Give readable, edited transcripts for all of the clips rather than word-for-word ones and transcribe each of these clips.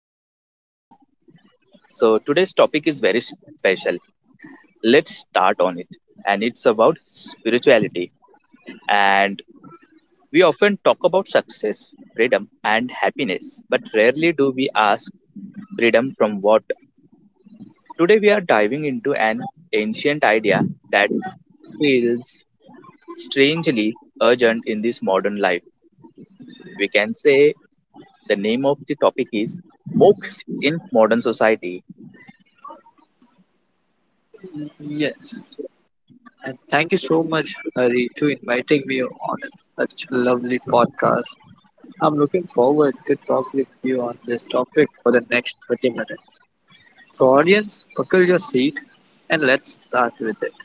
Welcome back, everyone. So, today's topic is very special. Let's start on it. And it's about spirituality. And we often talk about success, freedom, and happiness, but rarely do we ask freedom from what. Today, we are diving into an ancient idea that feels strangely urgent in this modern life. We can say the name of the topic is Moksha in Modern Society. Yes, and thank you so much, Hari, to inviting me on such a lovely podcast. I'm looking forward to talk with you on this topic for the next 30 minutes. So, audience, buckle your seat and let's start with it.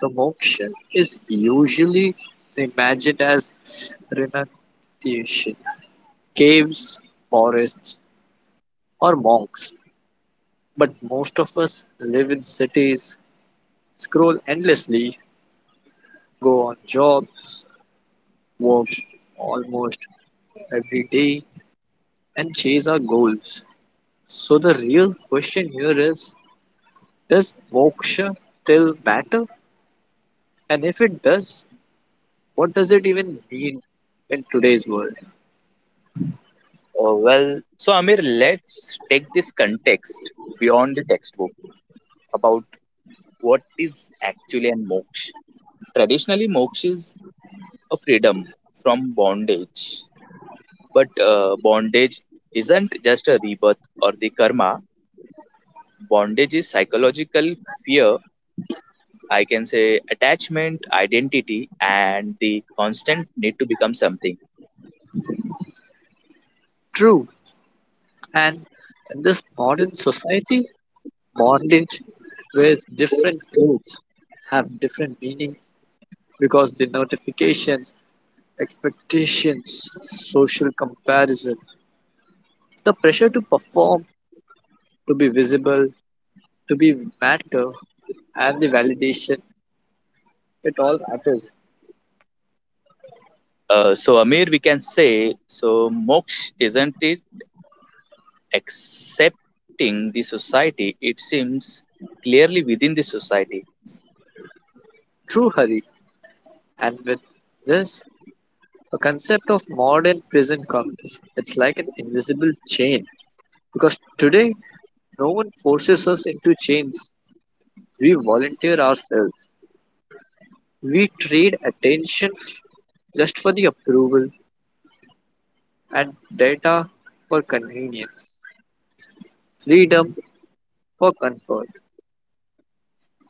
The moksha is usually imagined as renunciation, caves, forests, or monks. But most of us live in cities, scroll endlessly, go on jobs work almost every day and chase our goals. So, the real question here is, does moksha still matter? And if it does, what does it even mean in today's world? Well, so Amir, let's take this context beyond the textbook about what is actually a moksha. Traditionally, moksha is a freedom from bondage, but bondage isn't just a rebirth or the karma. Bondage is psychological fear, I can say attachment, identity, and the constant need to become something. True, and in this modern society, bondage wears different clothes, have different meanings because the notifications, expectations, social comparison, the pressure to perform, to be visible, to be matter and the validation, it all matters. So Amir, we can say so. Moksha isn't it accepting the society, it seems clearly within the society. True hurry. And with this, a concept of modern prison comes. It's like an invisible chain. Because today no one forces us into chains. We volunteer ourselves. We trade attention just for the approval and data for convenience. Freedom for comfort.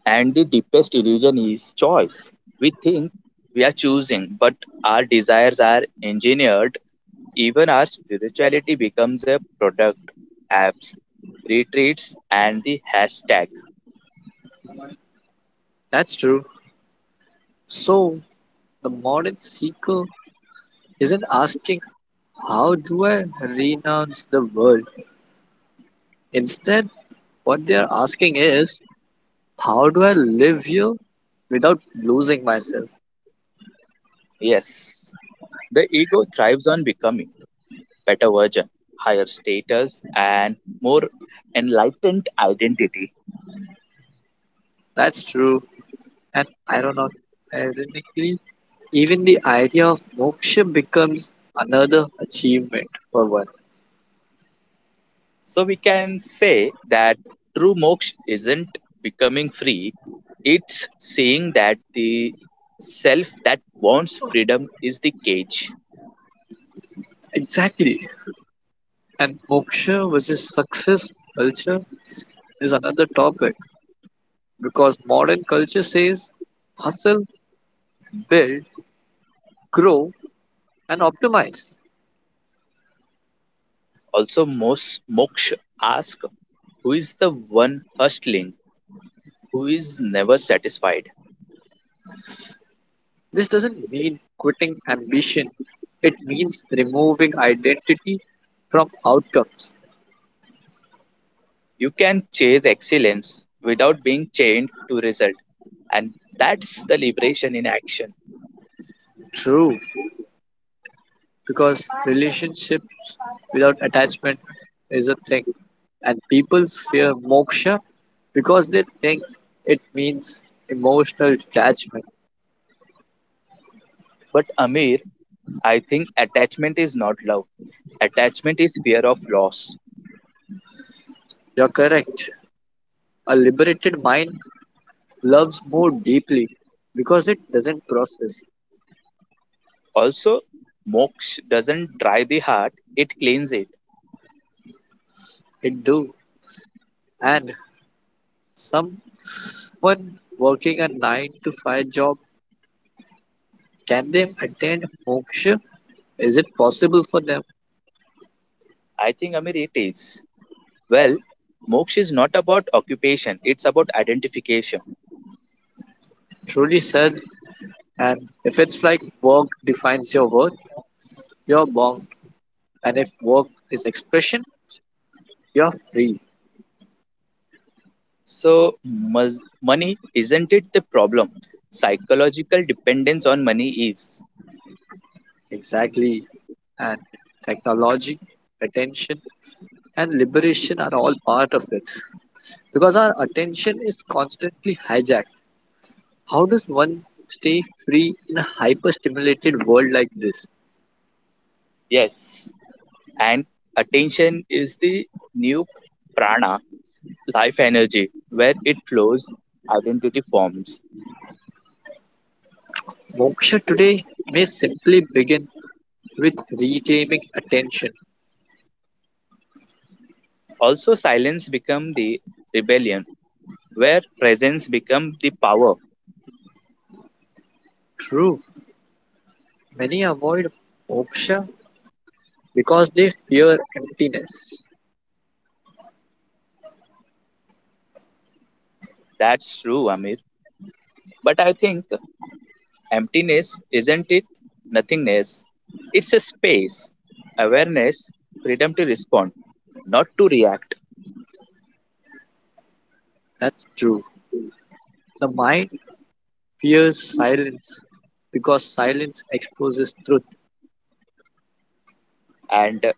And the deepest illusion is choice. We think we are choosing, but our desires are engineered. Even our spirituality becomes a product, apps, retreats, and the hashtag. That's true. So the modern seeker isn't asking, how do I renounce the world? Instead, what they are asking is, how do I live here without losing myself? Yes, the ego thrives on becoming better version, higher status, and more enlightened identity. That's true. And ironically, even the idea of moksha becomes another achievement for one. So we can say that true moksha isn't becoming free, it's seeing that the self that wants freedom is the cage. Exactly. And moksha versus success culture is another topic because modern culture says hustle, build, grow, and optimize. Also, most moksha ask who is the one hustling, who is never satisfied. This doesn't mean quitting ambition, it means removing identity from outcomes. You can chase excellence without being chained to result, and that's the liberation in action. True, because relationships without attachment is a thing, and people fear moksha because they think it means emotional detachment. But Amir, I think attachment is not love. Attachment is fear of loss. You're correct. A liberated mind loves more deeply because it doesn't process. Also, moksha doesn't dry the heart, it cleans it. It do. And someone working a nine to five job, can they attain moksha? Is it possible for them? I think, Amir, it is. Well, moksha is not about occupation, it's about identification. Truly said, and if it's like work defines your worth, you're bound. And if work is expression, you're free. So, money isn't it the problem? Psychological dependence on money is. Exactly. And technology, attention, and liberation are all part of it. Because our attention is constantly hijacked. How does one stay free in a hyper stimulated world like this? Yes. And attention is the new prana, life energy, where it flows, identity forms. Moksha today may simply begin with reclaiming attention. Also, silence become the rebellion, where presence become the power. True, many avoid moksha because they fear emptiness. That's true, Amir. But I think emptiness isn't it nothingness. It's a space, awareness, freedom to respond, not to react. That's true. The mind fears silence because silence exposes truth. And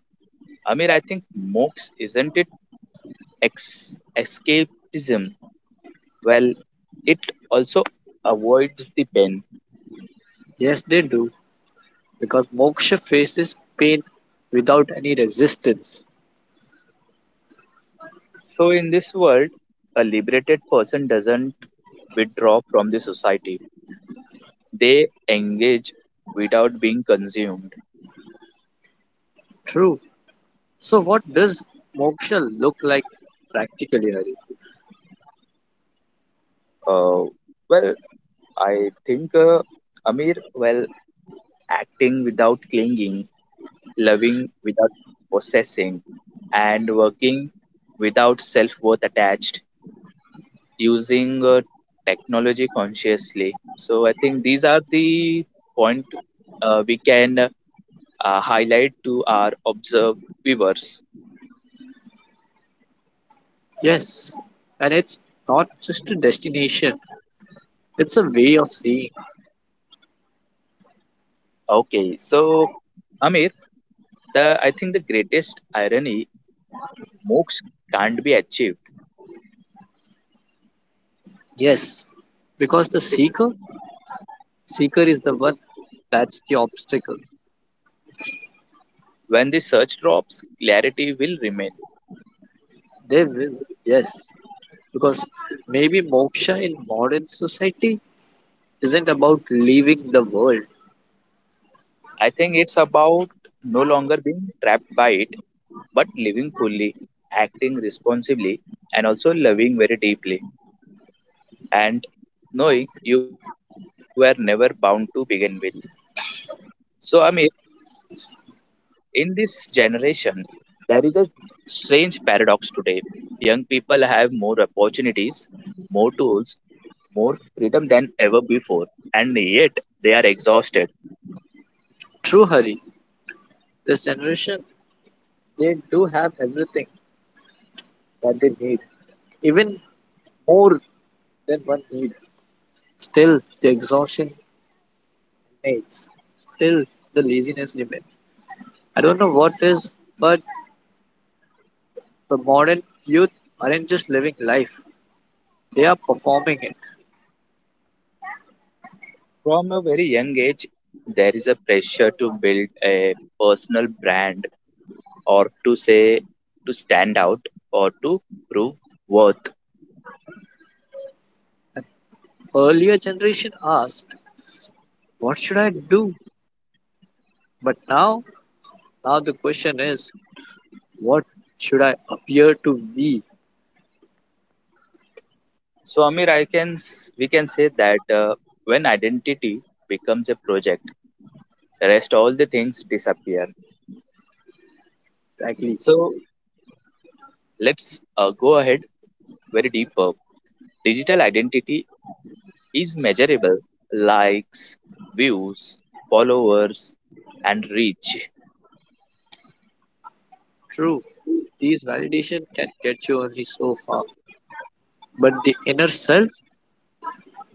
Amir, I think moksha isn't it escapism? Well, it also avoids the pain. Yes, they do, because moksha faces pain without any resistance. So in this world, a liberated person doesn't withdraw from the society. They engage without being consumed. True. So, what does moksha look like practically, Hari? Uh, well, I think, Amir, well, acting without clinging, loving without possessing, and working without self worth attached, using technology consciously. So I think these are the point we can highlight to our observed viewers. Yes, and it's not just a destination, it's a way of seeing. Okay, so Amir, the I think the greatest irony, moksha can't be achieved. Yes, because the seeker, seeker is the one, that's the obstacle. When the search drops, clarity will remain. They will, yes, because maybe moksha in modern society isn't about leaving the world. I think it's about no longer being trapped by it, but living fully, acting responsibly, and also loving very deeply, and knowing you were never bound to begin with. So, Amit, in this generation, there is a strange paradox today. Young people have more opportunities, more tools, more freedom than ever before, and yet they are exhausted. True, Hari, this generation, they do have everything that they need, even more than one need. Still, the exhaustion remains. Still, the laziness remains. I don't know what is, but the modern youth aren't just living life, they are performing it. From a very young age, there is a pressure to build a personal brand or to say to stand out or to prove worth. Earlier generation asked, what should I do? But now, now the question is, what should I appear to be? So Amir, I can we can say that when identity becomes a project, the rest all the things disappear. Exactly. So let's go ahead very deeper. Digital identity is measurable, likes, views, followers, and reach. True. These validation can get you only so far. But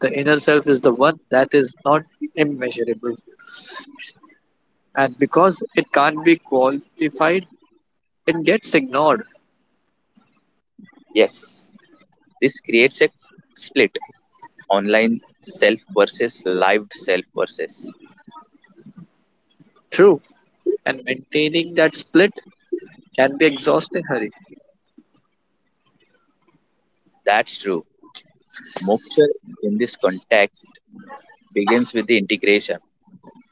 the inner self is the one that is not immeasurable. And because it can't be qualified, it gets ignored. Yes, this creates a split online self versus lived self versus. True. And maintaining that split can be exhausting, Hari. That's true. Moksha in this context begins with the integration,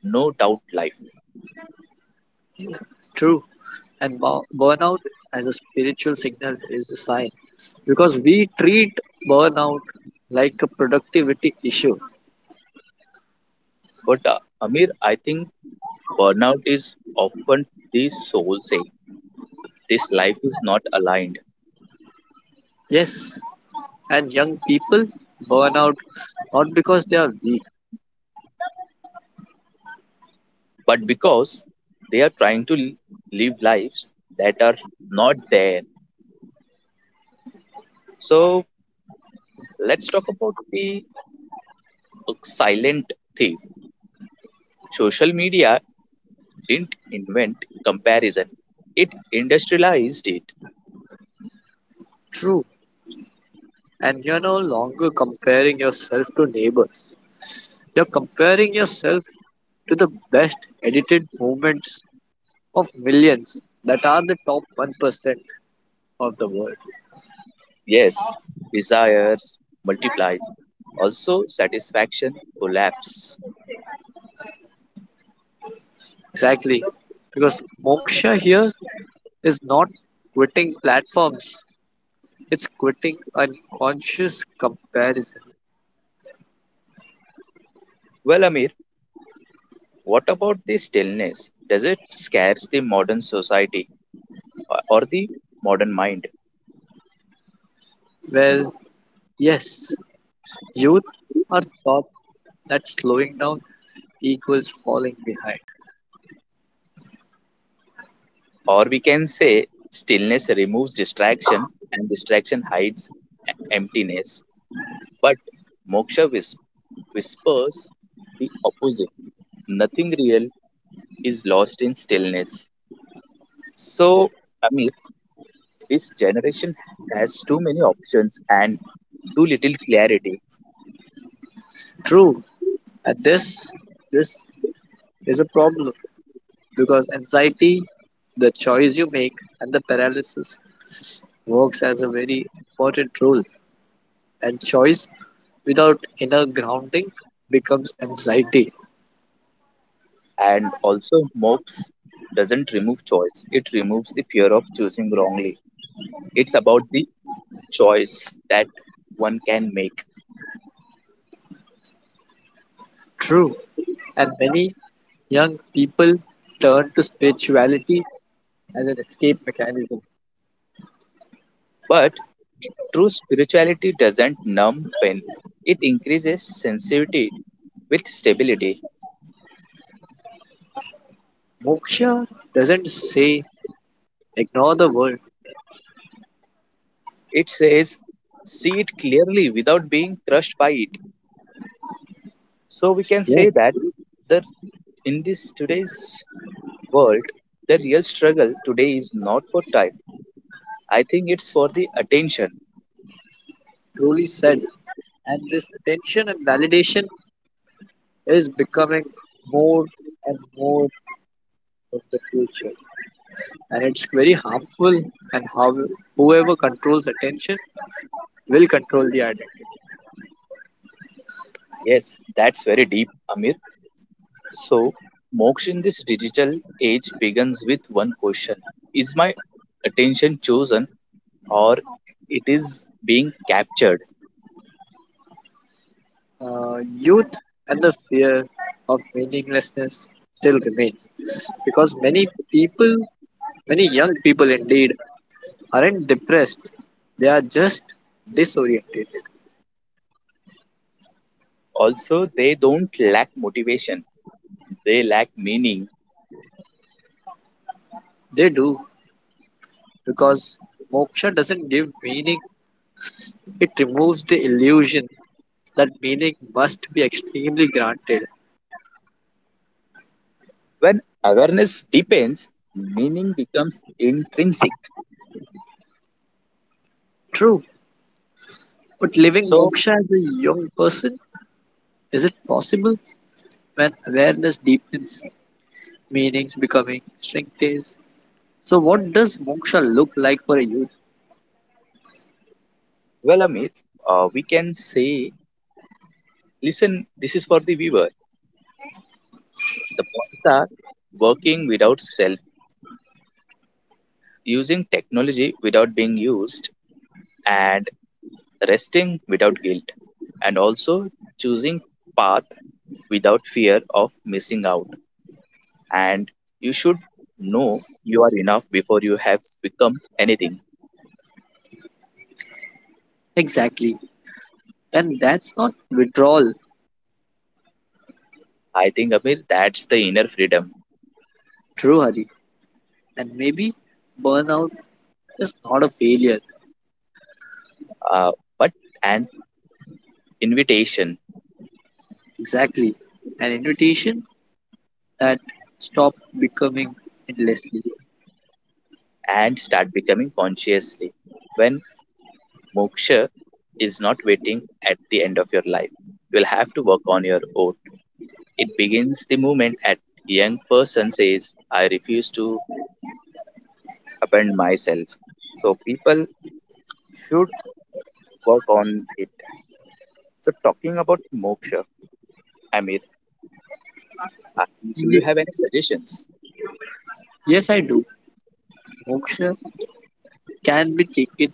no doubt life. True. And burnout as a spiritual signal is a sign because we treat burnout like a productivity issue. But Amir, I think burnout is often the soul saying this life is not aligned. Yes, and young people burn out not because they are weak. But because they are trying to live lives that are not there. So let's talk about the silent thief. Social media didn't invent comparison, it industrialized it. True. And you're no longer comparing yourself to neighbors. You're comparing yourself to the best edited movements of millions that are the top 1% of the world. Yes, desires multiplies. Also, satisfaction collapse. Exactly. Because moksha here is not quitting platforms, it's quitting unconscious comparison. Well, Amir, what about the stillness? Does it scares the modern society or the modern mind? Well, yes, youth are taught that slowing down equals falling behind. Or we can say stillness removes distraction and distraction hides e- emptiness. But moksha whispers the opposite. Nothing real is lost in stillness. So, Amir, this generation has too many options and too little clarity, True, and this is a problem because anxiety, the choice you make, and the paralysis works as a very important role. And choice without inner grounding becomes anxiety. and also mobs doesn't remove choice. It removes the fear of choosing wrongly. It's about the choice that one can make. True, and many young people turn to spirituality as an escape mechanism. But true spirituality doesn't numb pain. It increases sensitivity with stability. Moksha doesn't say ignore the world. It says, see it clearly without being crushed by it. So we can Yeah. say that the in this today's world, the real struggle today is not for time. I think it's for the attention. Truly said, and this attention and validation is becoming more and more of the future. And it's very harmful, and how whoever controls attention will control the identity. Yes, that's very deep, Amir. So, Moksh in this digital age begins with one question. Is my attention chosen or it is being captured? Youth and the fear of meaninglessness still remains because many people, many young people indeed, aren't depressed. They are just disoriented. Also, they don't lack motivation, they lack meaning. They do because moksha doesn't give meaning, it removes the illusion that meaning must be extremely granted. When awareness deepens, meaning becomes intrinsic. True, but living So, moksha as a young person, is it possible when awareness deepens, meanings becoming strengthens? So, what does moksha look like for a youth? well, Amir, we can say, listen, this is for the viewer. The points are working without self, using technology without being used and resting without guilt, and also choosing path without fear of missing out. And you should know you are enough before you have become anything. Exactly. And that's not withdrawal, I think, Amir, that's the inner freedom, true Hari. And maybe burnout is not a failure. uh, but an invitation Exactly. An invitation that stop becoming endlessly. and start becoming consciously. When moksha is not waiting at the end of your life, you'll have to work on your own. It begins the moment at young person says, I refuse to abandon myself. So people should work on it. So talking about moksha, Amir, do you Ye- have any suggestions? Yes, I do. Moksha can be taken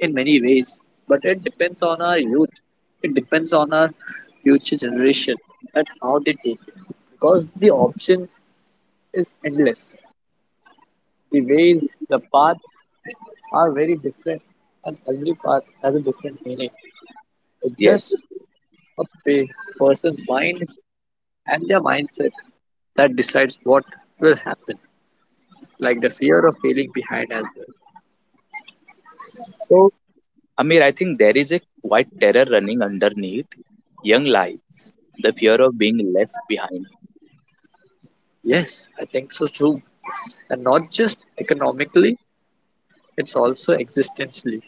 in many ways, but it depends on our youth. It depends on our future generation, that how they take it. Because the option is endless. The ways, the paths are very different, and every path has a different meaning. It's just Yes. a person's mind and their mindset that decides what will happen, like the fear of failing behind as well. So Amir, I think there is a quite terror running underneath young lives, the fear of being left behind. Yes, I think so too. And not just economically, it's also existentially.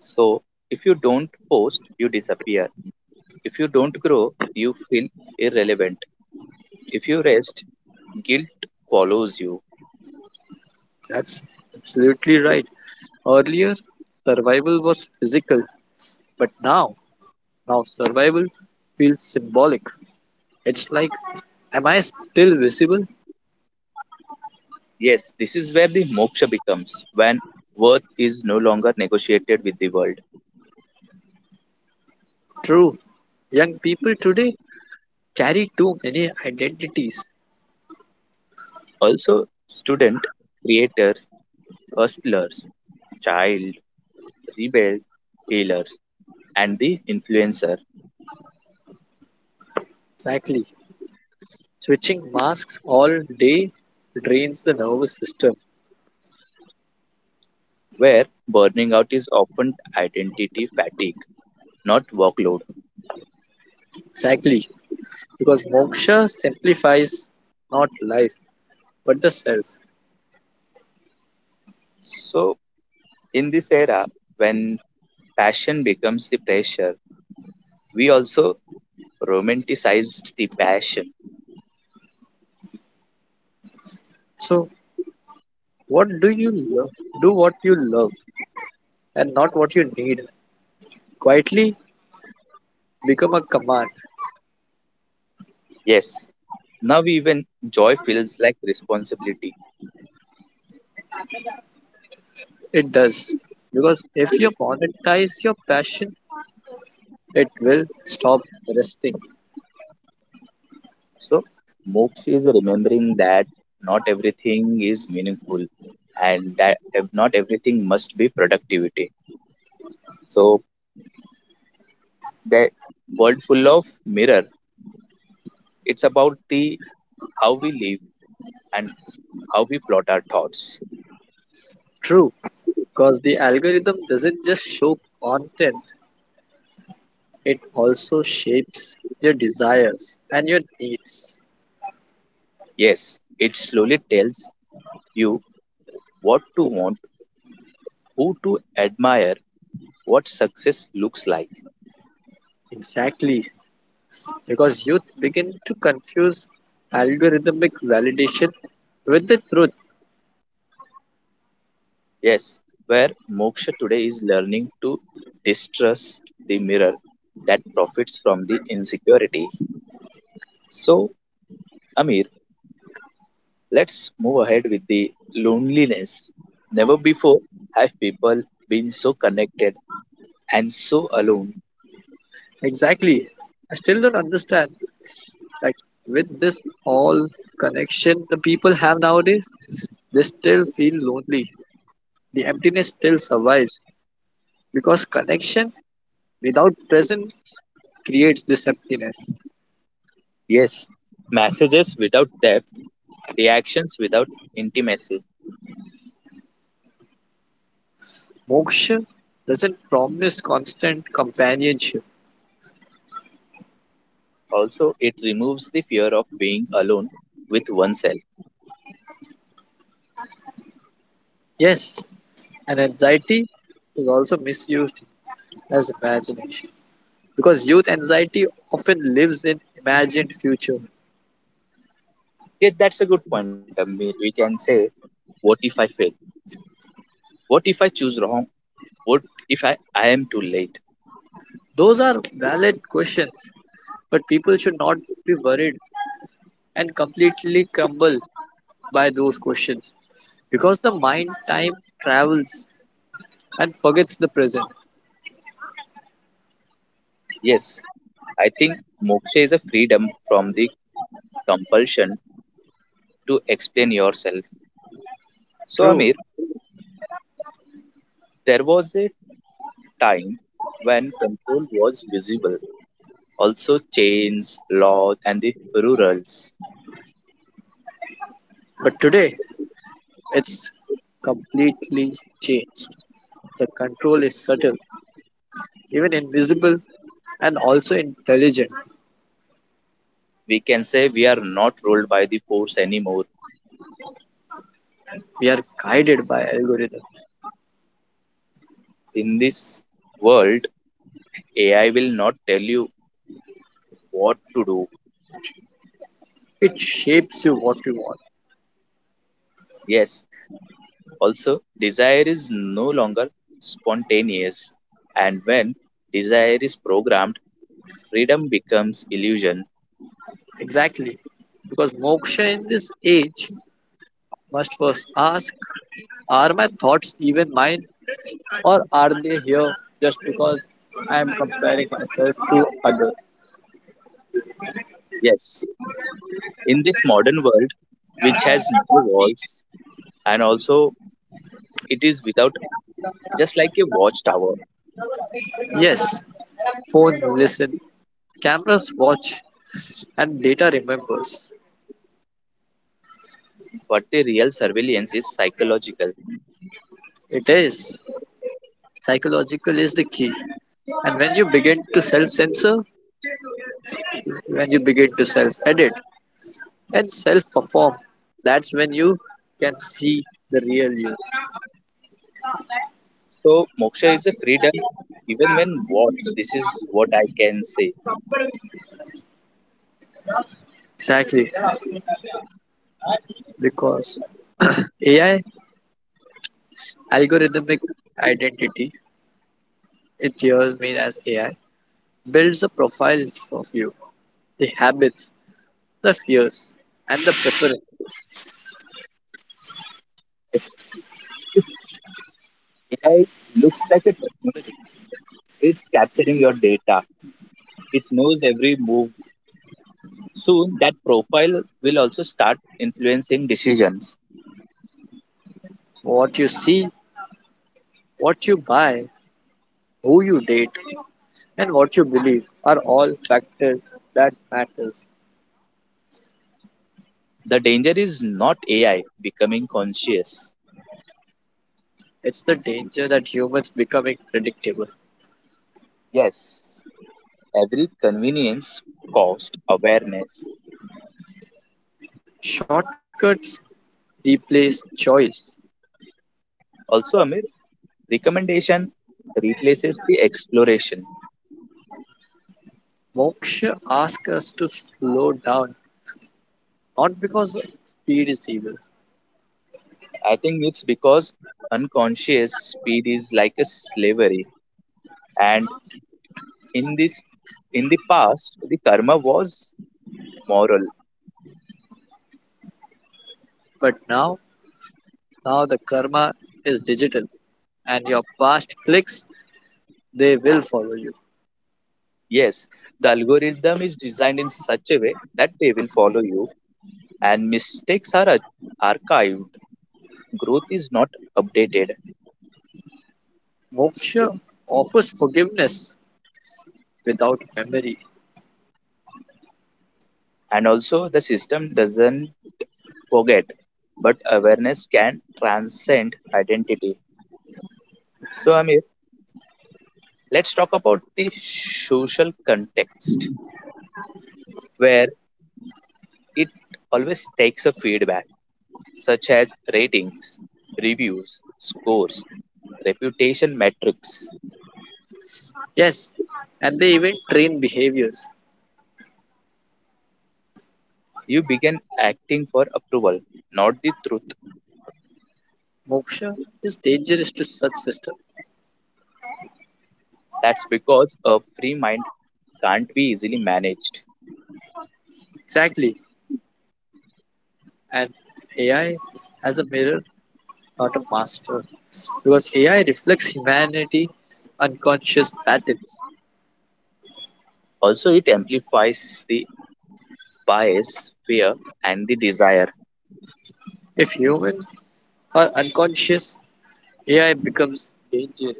So if you don't post, you disappear. If you don't grow, you feel irrelevant. If you rest, guilt follows you. That's absolutely right. Earlier, survival was physical, but now, now survival feels symbolic. It's like, am I still visible? Yes, this is where the moksha becomes when worth is no longer negotiated with the world. True. Young people today carry too many identities. Also, student, creators, hustlers, child, rebel, healers, and the influencer, Exactly. Switching masks all day drains the nervous system. where burning out is often identity fatigue, not workload. Exactly. Because moksha simplifies not life but the self. So, in this era, when passion becomes the pressure, we also romanticized the passion. So, what do you love? Do what you love and not what you need. Quietly become a command. Yes, now even joy feels like responsibility. It does. Because if you monetize your passion, it will stop resting. So, moksha is remembering that not everything is meaningful and that not everything must be productivity. So, the world full of mirror, it's about the how we live and how we plot our thoughts. True, because the algorithm doesn't just show content, it also shapes your desires and your needs. Yes, it slowly tells you what to want, who to admire, what success looks like. Exactly, because youth begin to confuse algorithmic validation with the truth. Yes, where moksha today is learning to distrust the mirror that profits from the insecurity. So, Amir, let's move ahead with the loneliness. Never before have people been so connected and so alone. Exactly. I still don't understand. Like, with this all connection the people have nowadays, they still feel lonely. The emptiness still survives because connection without presence creates this emptiness. Yes, messages without depth, reactions without intimacy. Moksha doesn't promise constant companionship. Also, it removes the fear of being alone with oneself. Yes, and anxiety is also misused as imagination because youth anxiety often lives in imagined future. Yes, that's a good point, Amir. We can say, what if I fail? What if I choose wrong? What if I am too late? Those are valid questions, but people should not be worried and completely crumble by those questions because the mind time travels and forgets the present. Yes, I think moksha is a freedom from the compulsion to explain yourself. So, True, Amir, there was a time when control was visible. Also, chains, laws, and the rurals. but today it's completely changed. The control is subtle, even invisible, and also intelligent. We can say we are not ruled by the force anymore. We are guided by algorithm. In this world, AI will not tell you what to do. It shapes you what you want. Yes. Also, desire is no longer spontaneous. And when desire is programmed, freedom becomes illusion. Exactly. Because moksha in this age must first ask, are my thoughts even mine or are they here just because I am comparing myself to others? Yes. In this modern world, which has no walls and also it is without just like a watchtower. Yes, phones listen, cameras watch, and data remembers. But the real surveillance is psychological. It is. Psychological is the key. And when you begin to self censor, when you begin to self edit and self perform, that's when you can see the real you. So moksha is a freedom, even when watched. This is what I can say. Exactly, because AI, algorithmic identity, it here mean as AI builds a profile of you, the habits, the fears, and the preference. It's, it's- AI looks like a technology. It's capturing your data. It knows every move. Soon, that profile will also start influencing decisions. What you see, what you buy, who you date, and what you believe are all factors that matters. The danger is not AI becoming conscious. It's the danger that humans becoming predictable. Yes, every convenience cost awareness. Shortcuts replace choice. Also, Amir. Recommendation replaces the exploration. Moksha asks us to slow down, not because speed is evil, I think it's because unconscious speed is like a slavery. And in this in the past, the karma was moral. but now, now the karma is digital, and your past clicks they will follow you. Yes, the algorithm is designed in such a way that they will follow you and mistakes are archived. Growth is not updated. Moksha offers forgiveness without memory. And also the system doesn't forget, but awareness can transcend identity. So I'm let's talk about the social context where it always takes a feedback such as ratings, reviews, scores, reputation metrics. Yes, and they even train behaviors. You begin acting for approval, not the truth. Moksha is dangerous to such system. That's because a free mind can't be easily managed. Exactly, and AI as a mirror, not a master. Because AI reflects humanity unconscious patterns. Also it amplifies the bias, fear, and the desire. If human are unconscious, AI becomes dangerous.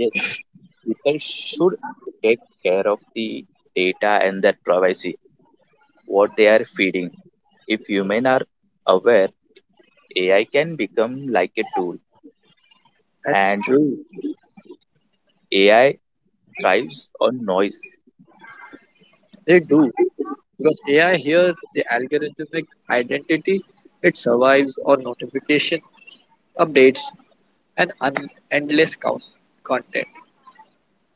Yes, people should take care of the data and their privacy, what they are feeding. If humans are aware, AI can become like a tool, That's and true. AI thrives on noise. They do. Because AI here the algorithmic identity, it survives on notification, updates, and endless count content.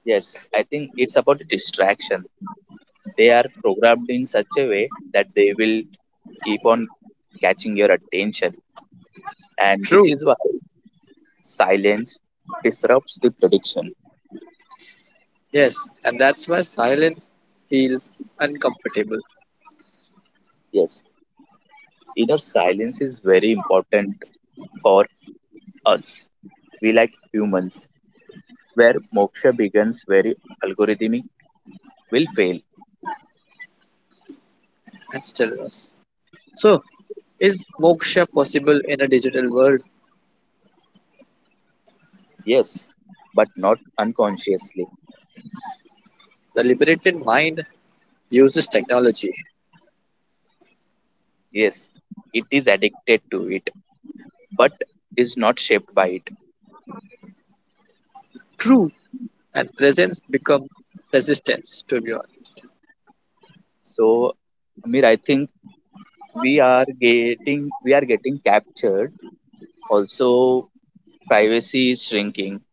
Yes, I think it's about distraction. They are programmed in such a way that they will keep on catching your attention, and this True. is why silence disrupts the prediction. Yes, and that's why silence feels uncomfortable Yes, inner silence is very important for us. We like humans, where moksha begins very algorithmic will fail. and stillness. So, is moksha possible in a digital world? Yes, but not unconsciously. The liberated mind uses technology. Yes, it is addicted to it, but is not shaped by it. True. And presence become resistance to beyond. So, Amir, I think we are getting captured. Also, privacy is shrinking,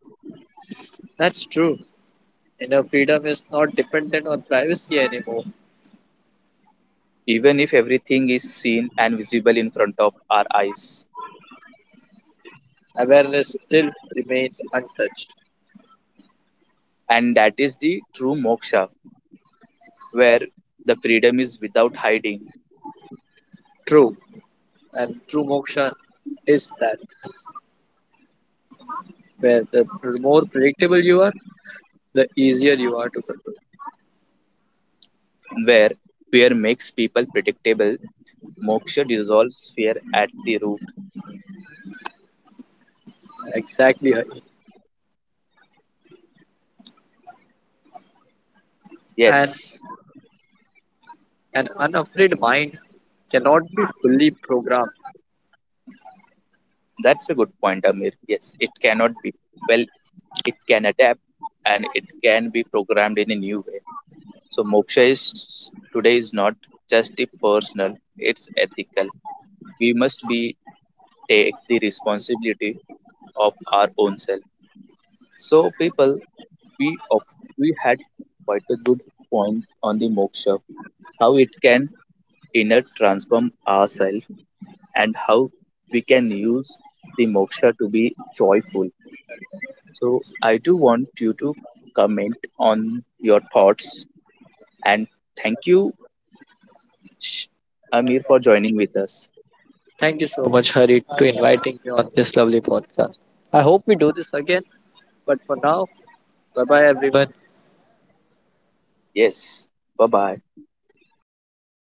That's true. Inner freedom is not dependent on privacy anymore. even if everything is seen and visible in front of our eyes. Awareness still remains untouched. And that is the true moksha, where the freedom is without hiding, True. And true moksha is that where the more predictable you are, the easier you are to control. where fear makes people predictable. Moksha dissolves fear at the root. Exactly. And Yes. an unafraid mind cannot be fully programmed. That's a good point, Amir. Yes, it cannot be. Well, it can adapt and it can be programmed in a new way. So, moksha is today is not just a personal, it's ethical. We must be take the responsibility of our own self. So, people, we of we had quite a good point on the moksha, how it can inner transform ourselves and how we can use the moksha to be joyful. So I do want you to comment on your thoughts and thank you, Sh- Amir, for joining with us. Thank you so much, Hari, to inviting me on this lovely podcast. I hope we do this again. But for now, bye bye, everyone. Yes, bye bye.